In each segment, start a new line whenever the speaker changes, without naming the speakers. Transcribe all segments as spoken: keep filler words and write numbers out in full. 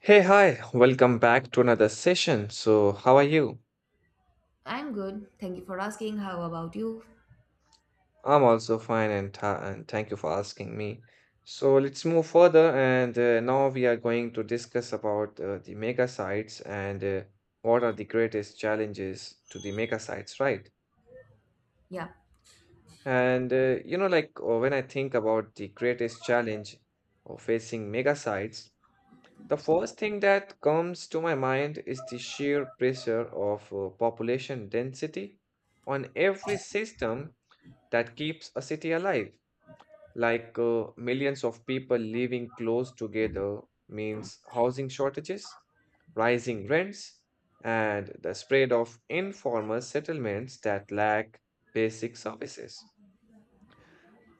Hey, hi, welcome back to another session. So, how are you?
I'm good. Thank you for asking. How about you?
I'm also fine and, tha- and thank you for asking me. So, let's move further and uh, now we are going to discuss about uh, the mega sites and uh, what are the greatest challenges to the mega sites, right?
Yeah.
And uh, you know, like uh, When I think about the greatest challenge of facing mega sites, the first thing that comes to my mind is the sheer pressure of uh, population density on every system that keeps a city alive. Like uh, millions of people living close together means housing shortages, rising rents, and the spread of informal settlements that lack basic services.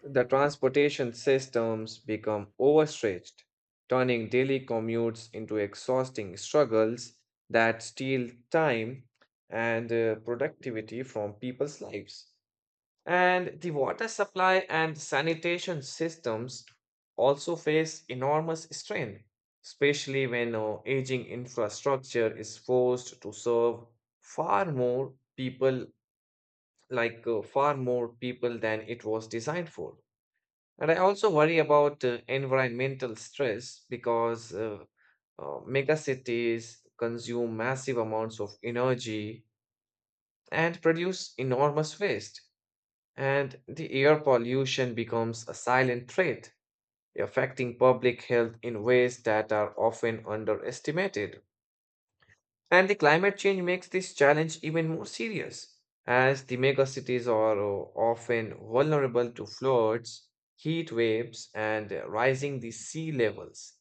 The transportation systems become overstretched, turning daily commutes into exhausting struggles that steal time and uh, productivity from people's lives. And the water supply and sanitation systems also face enormous strain, especially when uh, aging infrastructure is forced to serve far more people, like uh, far more people than it was designed for. And I also worry about uh, environmental stress because uh, uh, mega cities consume massive amounts of energy and produce enormous waste. And the air pollution becomes a silent threat, affecting public health in ways that are often underestimated. And the climate change makes this challenge even more serious, as the megacities are uh, often vulnerable to floods, heat waves, and uh, rising the sea levels.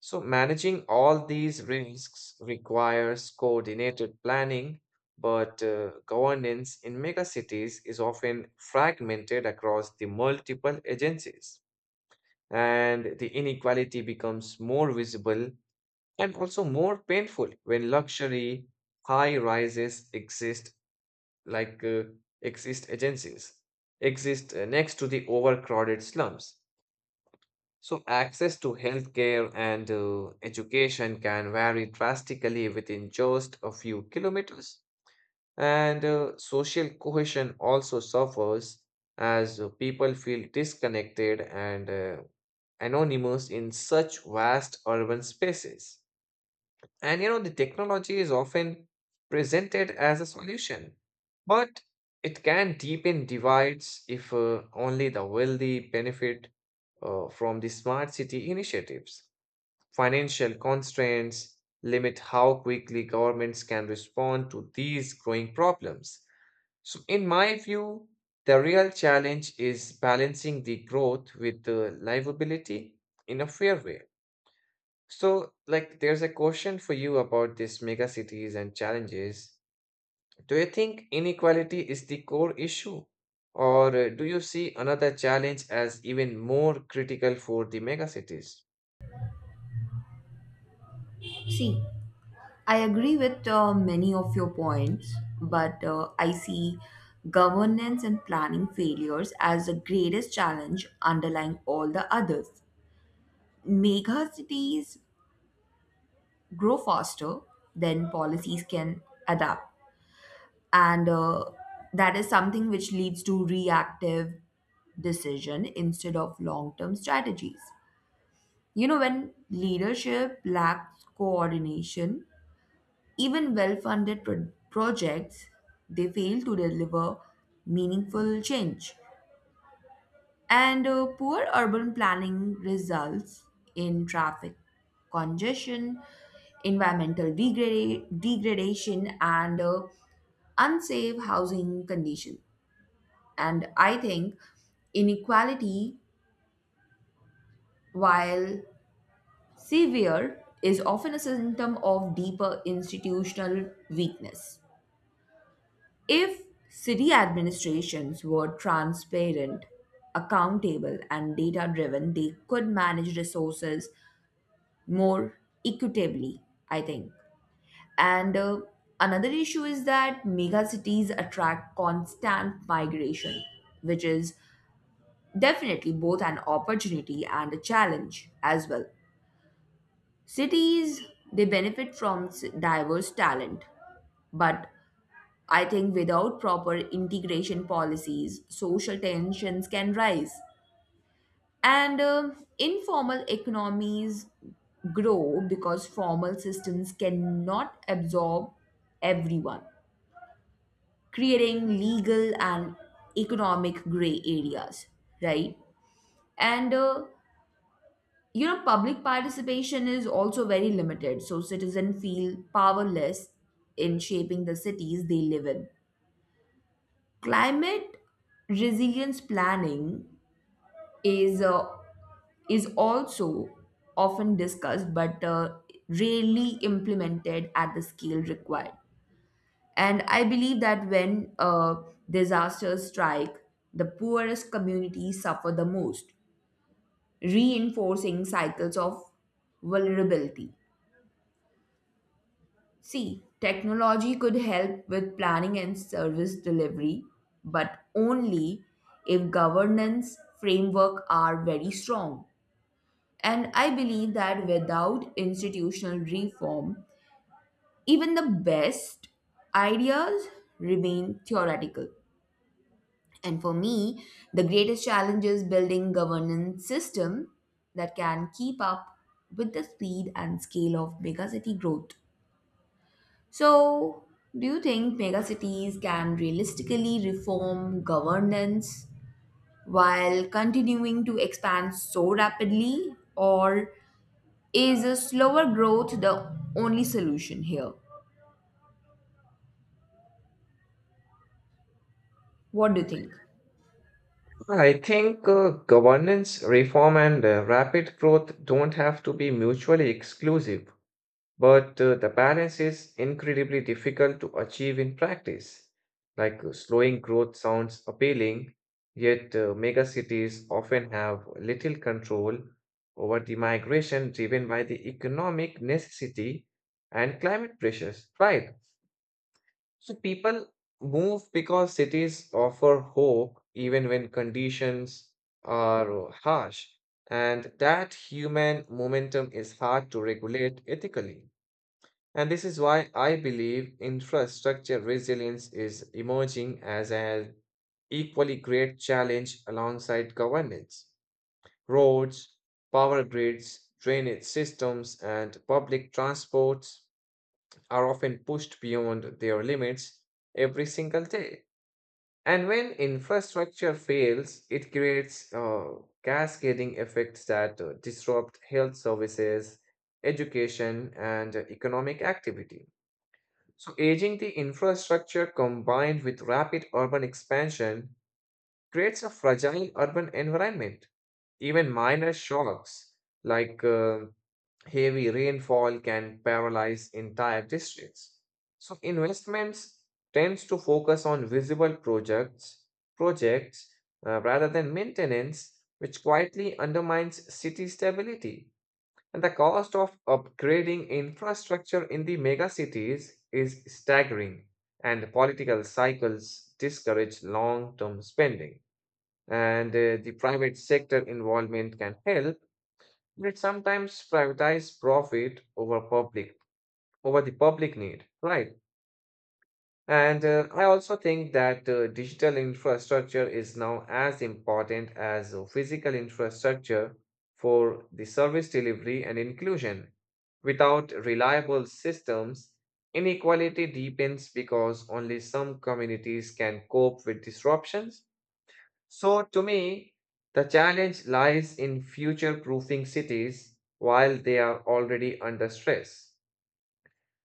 So, managing all these risks requires coordinated planning, but uh, governance in megacities is often fragmented across the multiple agencies, and the inequality becomes more visible and also more painful when luxury high rises exist, like uh, exist agencies, exist uh, next to the overcrowded slums. So access to healthcare and uh, education can vary drastically within just a few kilometers, and uh, social cohesion also suffers as uh, people feel disconnected and uh, anonymous in such vast urban spaces. And you know, the technology is often presented as a solution, but it can deepen divides if uh, only the wealthy benefit uh, from the smart city initiatives. Financial constraints limit how quickly governments can respond to these growing problems. So, in my view, the real challenge is balancing the growth with the livability in a fair way. So, like, there's a question for you about these mega cities and challenges. Do you think inequality is the core issue, or uh, do you see another challenge as even more critical for the mega cities?
See, I agree with uh, many of your points, but uh, I see governance and planning failures as the greatest challenge underlying all the others. Mega cities grow faster than policies can adapt, and uh, that is something which leads to reactive decision instead of long-term strategies. You know, when leadership lacks coordination, even well funded pro- projects they fail to deliver meaningful change. And uh, poor urban planning results in traffic congestion, environmental degrada- degradation, and uh, unsafe housing condition. And I think inequality, while severe is often a symptom of deeper institutional weakness. If city administrations were transparent, accountable, and data driven, they could manage resources more equitably, I think. And uh, another issue is that mega cities attract constant migration, which is definitely both an opportunity and a challenge as well. Cities, they benefit from s- diverse talent, but I think without proper integration policies, social tensions can rise. And uh, informal economies grow because formal systems cannot absorb everyone, creating legal and economic gray areas, right? And uh, you know public participation is also very limited, so citizens feel powerless in shaping the cities they live in. Climate resilience planning is uh, is also often discussed but uh, rarely implemented at the scale required, and I believe that when uh, disasters strike, the poorest communities suffer the most, reinforcing cycles of vulnerability. See, technology could help with planning and service delivery, but only if governance framework are very strong. And I believe that without institutional reform, even the best ideas remain theoretical. And for me, the greatest challenge is building governance system that can keep up with the speed and scale of megacity growth. So, do you think megacities can realistically reform governance while continuing to expand so rapidly, or is a slower growth the only solution here? What do you think?
I think uh, governance reform and uh, rapid growth don't have to be mutually exclusive. But uh, the balance is incredibly difficult to achieve in practice. Like uh, slowing growth sounds appealing, yet uh, megacities often have little control over the migration driven by the economic necessity and climate pressures, right? So people move because cities offer hope even when conditions are uh, harsh, and that human momentum is hard to regulate ethically. And this is why I believe infrastructure resilience is emerging as an equally great challenge alongside governance. Roads, power grids, drainage systems, and public transports are often pushed beyond their limits every single day. And when infrastructure fails, it creates uh, cascading effects that uh, disrupt health services, education, and economic activity. So, aging the infrastructure combined with rapid urban expansion creates a fragile urban environment. Even minor shocks like uh, heavy rainfall can paralyze entire districts. So, investments tends to focus on visible projects, projects uh, rather than maintenance, which quietly undermines city stability. And the cost of upgrading infrastructure in the megacities is staggering, and political cycles discourage long term spending. And uh, The private sector involvement can help, but it sometimes prioritize profit over public over the public need, right? And uh, I also think that uh, digital infrastructure is now as important as uh, physical infrastructure for the service delivery and inclusion. Without reliable systems, inequality deepens because only some communities can cope with disruptions. So, to me, the challenge lies in future proofing cities while they are already under stress.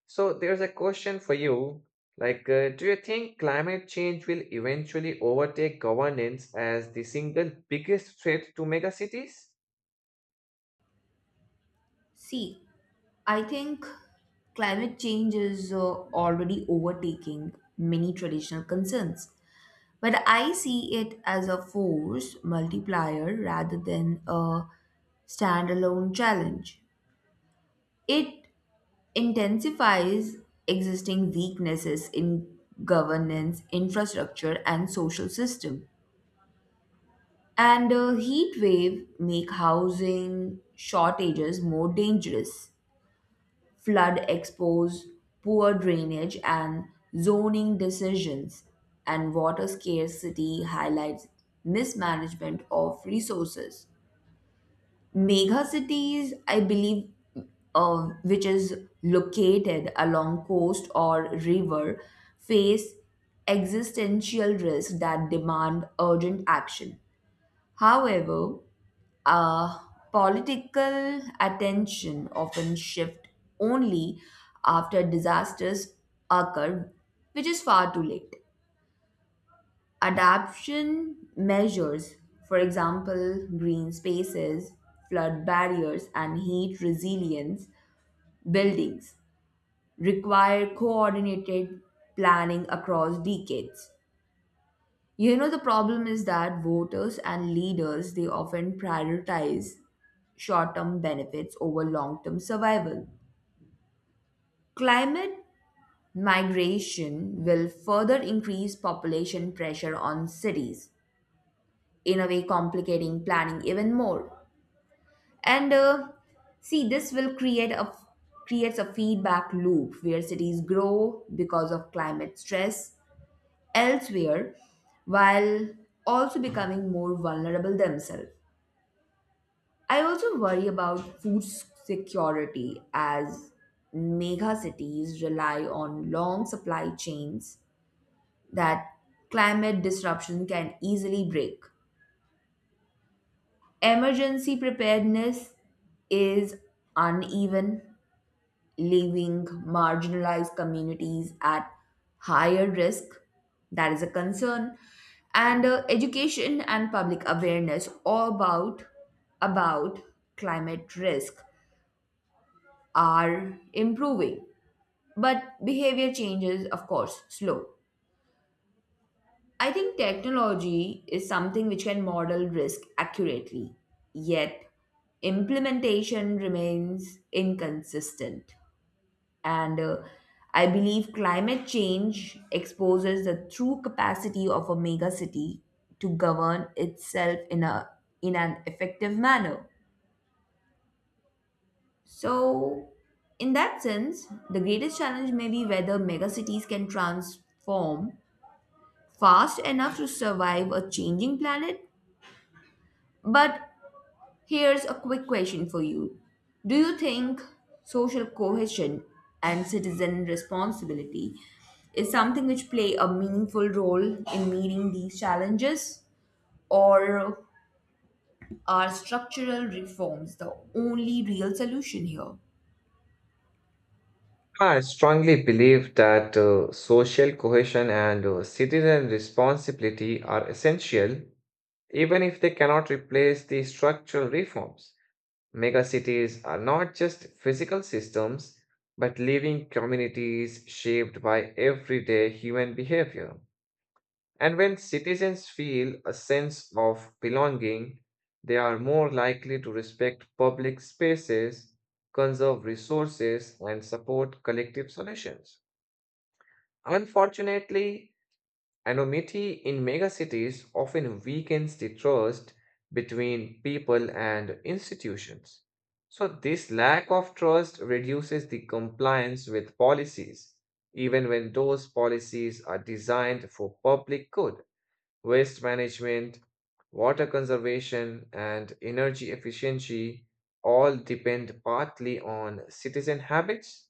So there's a question for you. Like, uh, do you think climate change will eventually overtake governance as the single biggest threat to megacities?
See, I think climate change is uh, already overtaking many traditional concerns, but I see it as a force multiplier rather than a standalone challenge. It intensifies existing weaknesses in governance, infrastructure, and social system. And a heat wave make housing shortages more dangerous. Flood expose poor drainage and zoning decisions, and water scarcity highlights mismanagement of resources. Mega cities, I believe, uh, which is located along coast or river, face existential risks that demand urgent action. However, uh, political attention often shift only after disasters occur, which is far too late. Adaptation measures, for example, green spaces, flood barriers, and heat resilience buildings, require coordinated planning across decades. You know, the problem is that voters and leaders they often prioritize short term benefits over long term survival. Climate migration will further increase population pressure on cities, in a way, complicating planning even more. And uh, See, this will create a creates a feedback loop where cities grow because of climate stress elsewhere while also becoming more vulnerable themselves. I also worry about food security, as mega cities rely on long supply chains that climate disruption can easily break. Emergency preparedness is uneven, leaving marginalized communities at higher risk. That is a concern. And uh, education and public awareness all about, about climate risk are improving. But behavior change is, of course, slow. I think technology is something which can model risk accurately, yet implementation remains inconsistent. And uh, I believe climate change exposes the true capacity of a megacity to govern itself in a in an effective manner. So, in that sense, the greatest challenge may be whether megacities can transform fast enough to survive a changing planet, but here's a quick question for you. Do you think social cohesion and citizen responsibility is something which play a meaningful role in meeting these challenges? Or are structural reforms the only real solution here?
I strongly believe that uh, social cohesion and uh, citizen responsibility are essential, even if they cannot replace the structural reforms. Megacities are not just physical systems, but living communities shaped by everyday human behavior. And when citizens feel a sense of belonging, they are more likely to respect public spaces, conserve resources, and support collective solutions. Unfortunately, anonymity in megacities often weakens the trust between people and institutions. So, this lack of trust reduces the compliance with policies, even when those policies are designed for public good. Waste management, water conservation, and energy efficiency all depend partly on citizen habits.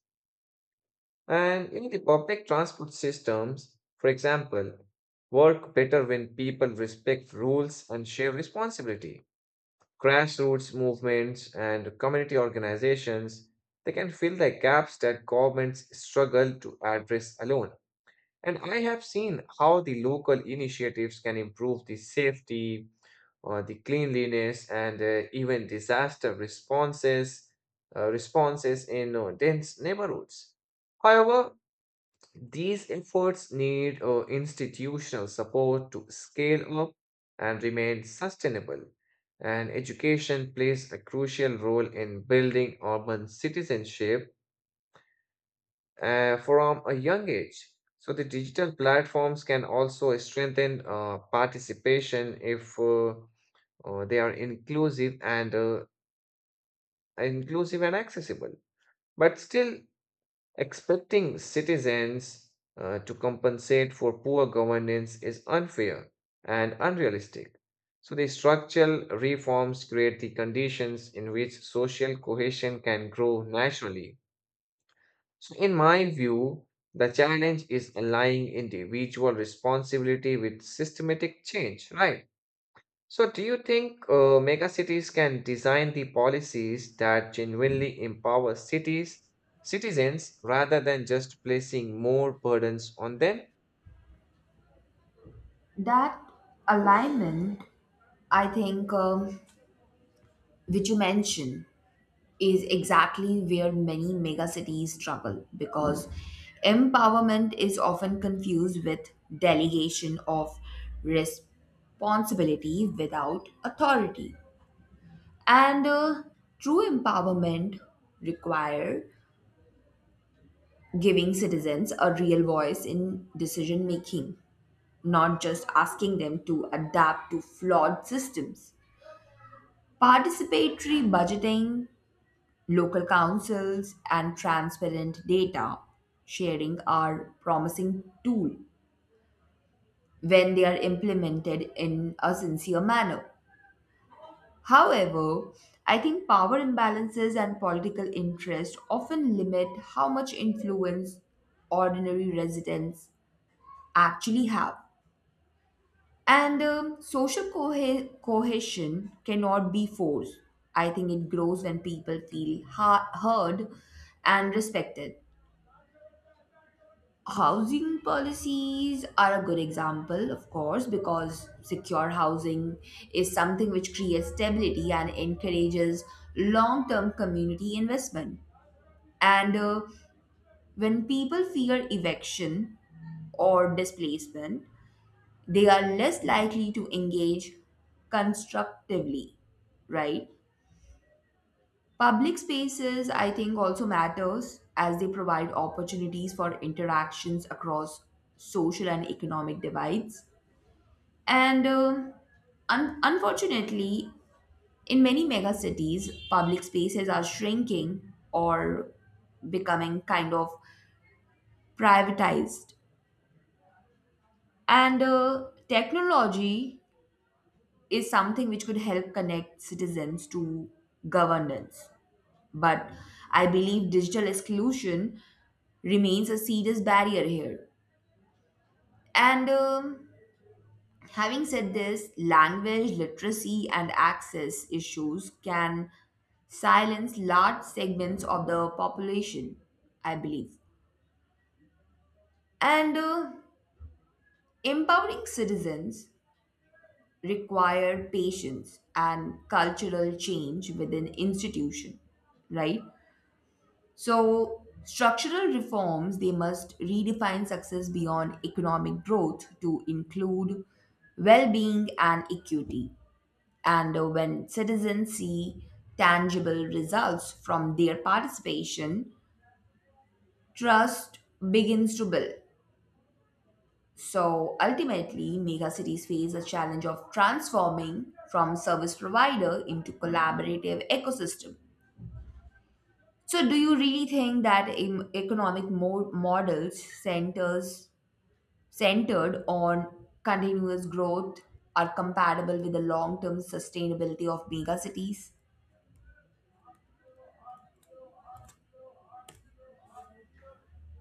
And in the public transport systems, for example, work better when people respect rules and share responsibility. Grassroots movements and community organizations, they can fill the gaps that governments struggle to address alone. And I have seen how the local initiatives can improve the safety, uh, the cleanliness and uh, even disaster responses uh, responses in uh, dense neighborhoods. However, these efforts need uh, institutional support to scale up and remain sustainable. And education plays a crucial role in building urban citizenship uh, from a young age. So, the digital platforms can also strengthen uh, participation if uh, uh, they are inclusive and uh, inclusive and accessible, but still expecting citizens uh, to compensate for poor governance is unfair and unrealistic. So the structural reforms create the conditions in which social cohesion can grow naturally. So in my view, the challenge is aligning individual responsibility with systematic change, right? So, do you think uh, mega cities can design the policies that genuinely empower cities, citizens, rather than just placing more burdens on them?
That alignment, I think, um, which you mentioned, is exactly where many megacities struggle because empowerment is often confused with delegation of responsibility without authority. And uh, true empowerment require giving citizens a real voice in decision making, not just asking them to adapt to flawed systems. Participatory budgeting, local councils and transparent data sharing are promising tool when they are implemented in a sincere manner. However, I think power imbalances and political interest often limit how much influence ordinary residents actually have. And um, Social cohe- cohesion cannot be forced. I think it grows when people feel ha- heard and respected. Housing policies are a good example, of course, because secure housing is something which creates stability and encourages long term community investment. And uh, when people fear eviction or displacement, they are less likely to engage constructively, right? Public spaces, I think, also matters as they provide opportunities for interactions across social and economic divides. And um, un- Unfortunately, in many megacities, public spaces are shrinking or becoming kind of privatized. And uh, technology is something which could help connect citizens to governance. But I believe digital exclusion remains a serious barrier here. And um, Having said this, language literacy and access issues can silence large segments of the population, I believe. And uh, empowering citizens require patience and cultural change within institution, right? So structural reforms they must redefine success beyond economic growth to include well-being and equity. And uh, when citizens see tangible results from their participation, trust begins to build. So ultimately, megacities face the challenge of transforming from service provider into collaborative ecosystem. So, do you really think that em- economic mo- models centers centered on continuous growth are compatible with the long-term sustainability of megacities?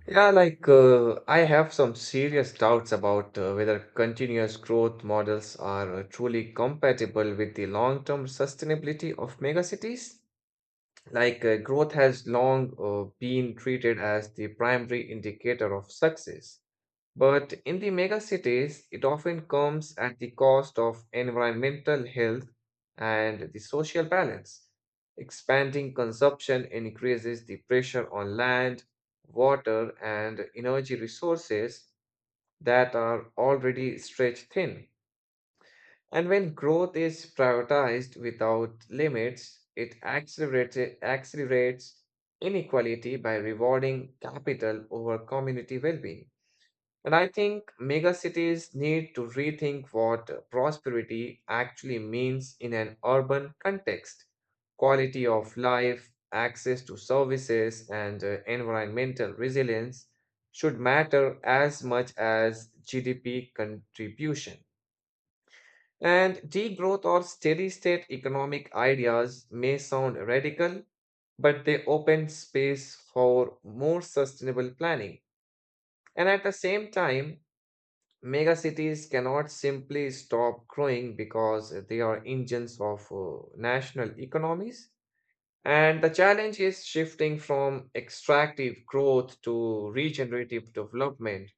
Yeah, like uh, I have some serious doubts about uh, whether continuous growth models are uh, truly compatible with the long-term sustainability of megacities. Like uh, growth has long uh, been treated as the primary indicator of success. But in the megacities, it often comes at the cost of environmental health and the social balance. Expanding consumption increases the pressure on land, water, and energy resources that are already stretched thin. And when growth is prioritized without limits, it accelerates, accelerates inequality by rewarding capital over community well being. And I think megacities need to rethink what prosperity actually means in an urban context. Quality of life, access to services, and uh, environmental resilience should matter as much as G D P contribution. And degrowth or steady state economic ideas may sound radical, but they open space for more sustainable planning. And at the same time, mega cities cannot simply stop growing because they are engines of uh, national economies. And the challenge is shifting from extractive growth to regenerative development.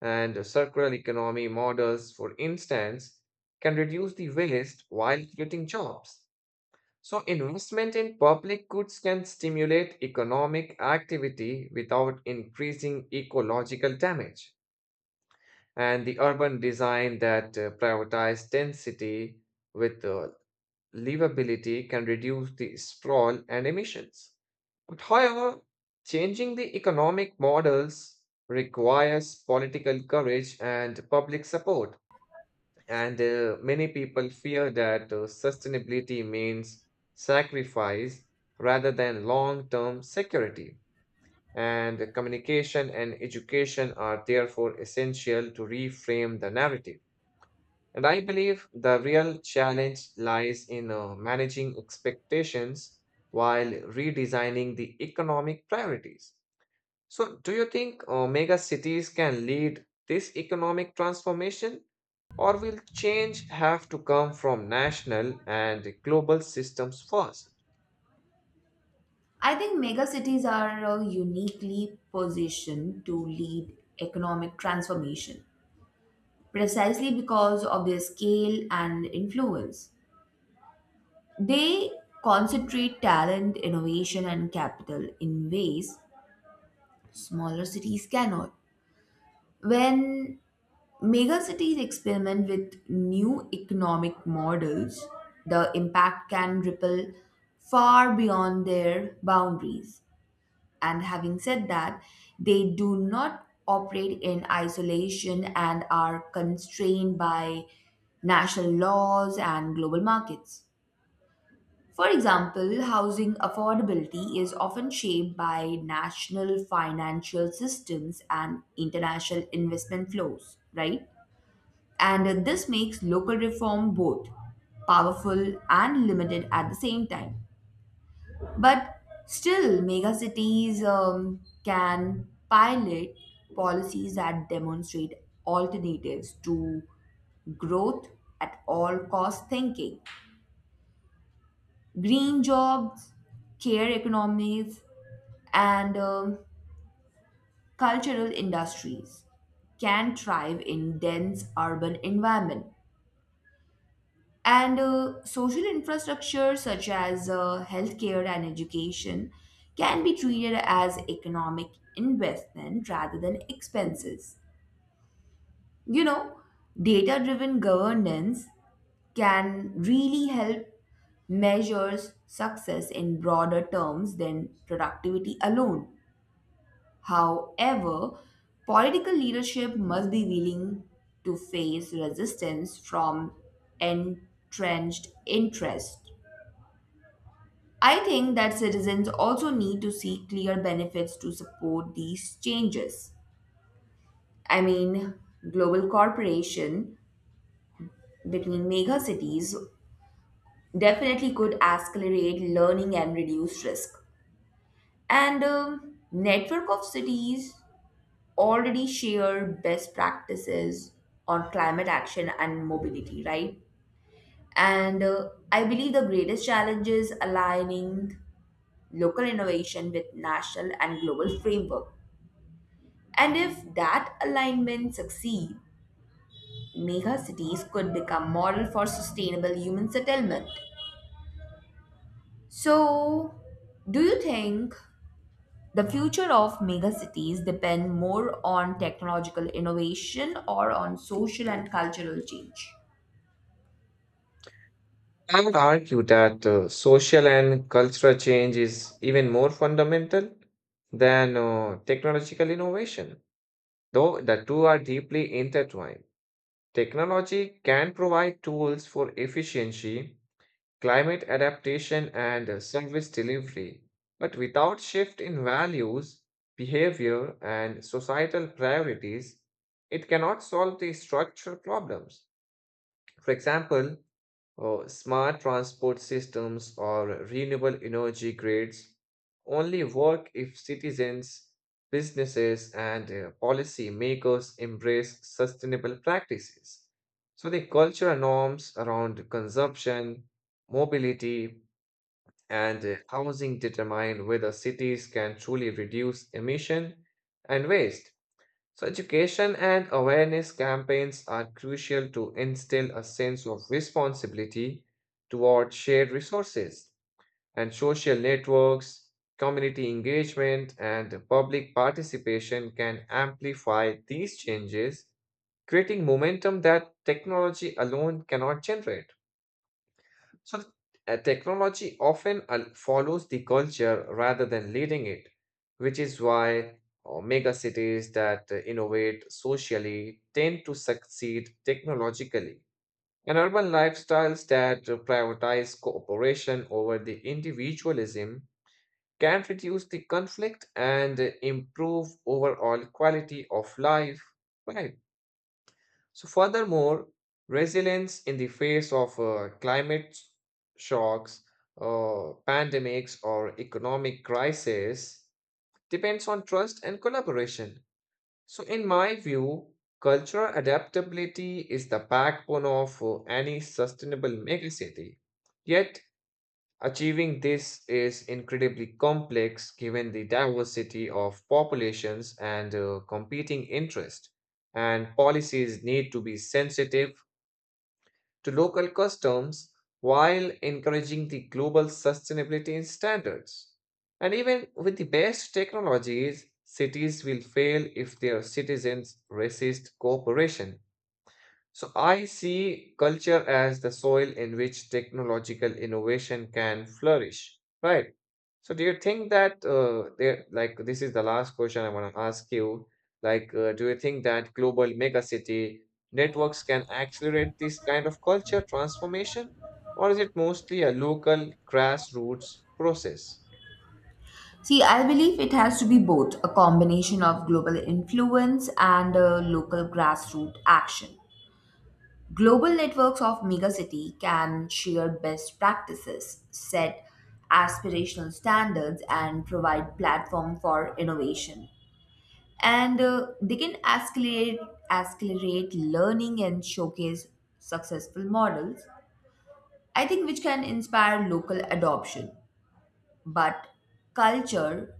And uh, Circular economy models, for instance, can reduce the waste while creating jobs. So, investment in public goods can stimulate economic activity without increasing ecological damage, and the urban design that uh, prioritize density with uh, livability can reduce the sprawl and emissions. But however, changing the economic models requires political courage and public support. And uh, Many people fear that uh, sustainability means sacrifice rather than long term security. And communication and education are therefore essential to reframe the narrative. And I believe the real challenge lies in uh, managing expectations while redesigning the economic priorities. So, do you think uh, mega cities can lead this economic transformation, or will change have to come from national and global systems first?
I think megacities are uh, uniquely positioned to lead economic transformation precisely because of their scale and influence. They concentrate talent, innovation, and capital in ways smaller cities cannot. When megacities experiment with new economic models, the impact can ripple far beyond their boundaries. And having said that, they do not operate in isolation and are constrained by national laws and global markets. For example, housing affordability is often shaped by national financial systems and international investment flows, right? And this makes local reform both powerful and limited at the same time. But still, megacities um, can pilot policies that demonstrate alternatives to growth at all cost thinking. Green jobs, care economies, and um, cultural industries can thrive in dense urban environment. And uh, social infrastructure such as uh, healthcare and education can be treated as economic investment rather than expenses. You know, data driven governance can really help measures success in broader terms than productivity alone. However, political leadership must be willing to face resistance from entrenched interests. I think that citizens also need to see clear benefits to support these changes. I mean, global cooperation between mega cities definitely could accelerate learning and reduce risk. And um, Network of cities already share best practices on climate action and mobility, right? And uh, I believe the greatest challenge is aligning local innovation with national and global framework. And if that alignment succeeds, mega cities could become model for sustainable human settlement. So, do you think the future of mega cities depend more on technological innovation or on social and cultural change?
I would argue that uh, social and cultural change is even more fundamental than uh, technological innovation, though the two are deeply intertwined. Technology can provide tools for efficiency, climate adaptation, and uh, service delivery. But without shift in values, behavior, and societal priorities, it cannot solve the structural problems. For example, uh, smart transport systems or renewable energy grids only work if citizens, businesses, and uh, policy makers embrace sustainable practices. So, the cultural norms around consumption, mobility, and uh, housing determine whether cities can truly reduce emission and waste. So, education and awareness campaigns are crucial to instill a sense of responsibility toward shared resources and social networks, community engagement, and public participation can amplify these changes, creating momentum that technology alone cannot generate. So, th- uh, technology often al- follows the culture rather than leading it, which is why uh, mega cities that uh, innovate socially tend to succeed technologically. And urban lifestyles that uh, prioritize cooperation over the individualism can reduce the conflict and uh, improve overall quality of life. Right. So, furthermore, resilience in the face of uh, climate shocks, uh, pandemics, or economic crisis depends on trust and collaboration. So, in my view, cultural adaptability is the backbone of uh, any sustainable megacity. Yet, achieving this is incredibly complex given the diversity of populations and uh, competing interests, and policies need to be sensitive to local customs while encouraging the global sustainability standards. And even with the best technologies, cities will fail if their citizens resist cooperation. So I see culture as the soil in which technological innovation can flourish, right? So do you think that uh, there, like this is the last question I want to ask you, like uh, do you think that global megacity networks can accelerate this kind of culture transformation, or is it mostly a local grassroots process?
See, I believe it has to be both a combination of global influence and uh, local grassroots action. Global networks of megacity can share best practices, set aspirational standards, and provide platform for innovation. And uh, they can accelerate, accelerate learning and showcase successful models, I think, which can inspire local adoption. But culture,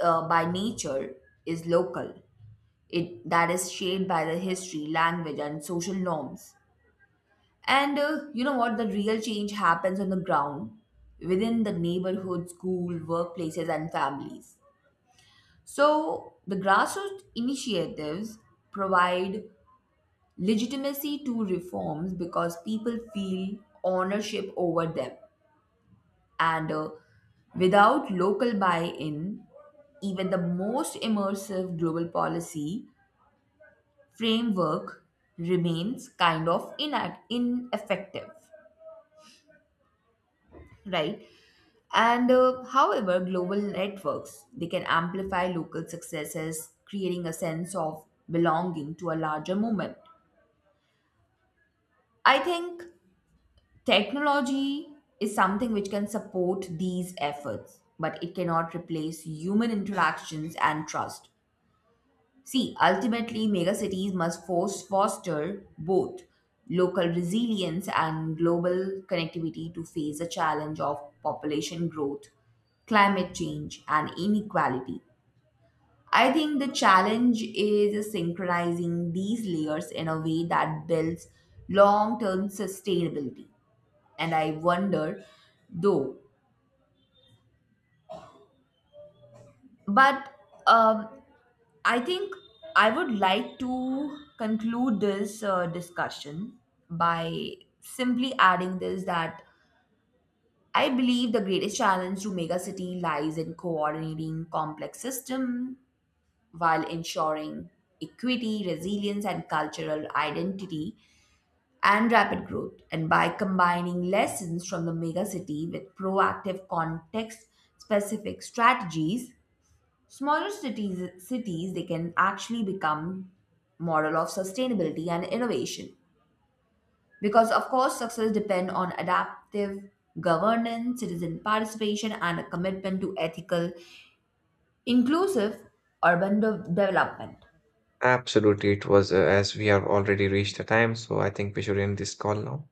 uh, by nature, is local. It that is shaped by the history, language, and social norms. And uh, you know what? The real change happens on the ground within the neighborhood, school, workplaces, and families. So the grassroots initiatives provide legitimacy to reforms because people feel ownership over them. And uh, without local buy in, even the most immersive global policy framework remains kind of inact- ineffective, right? And uh, however, global networks they can amplify local successes, creating a sense of belonging to a larger movement. I think technology is something which can support these efforts, but it cannot replace human interactions and trust. See, ultimately, megacities must force foster both local resilience and global connectivity to face the challenge of population growth, climate change, and inequality. I think the challenge is synchronizing these layers in a way that builds long term sustainability. And I wonder, though, but um, I think I would like to conclude this uh, discussion by simply adding this that I believe the greatest challenge to megacity lies in coordinating complex system while ensuring equity, resilience, and cultural identity and rapid growth. And by combining lessons from the megacity with proactive context specific strategies, smaller cities cities they can actually become model of sustainability and innovation. Because of course success depend on adaptive governance, citizen participation and a commitment to ethical, inclusive urban de- development.
Absolutely, it was uh, as we have already reached the time, so I think we should end this call now.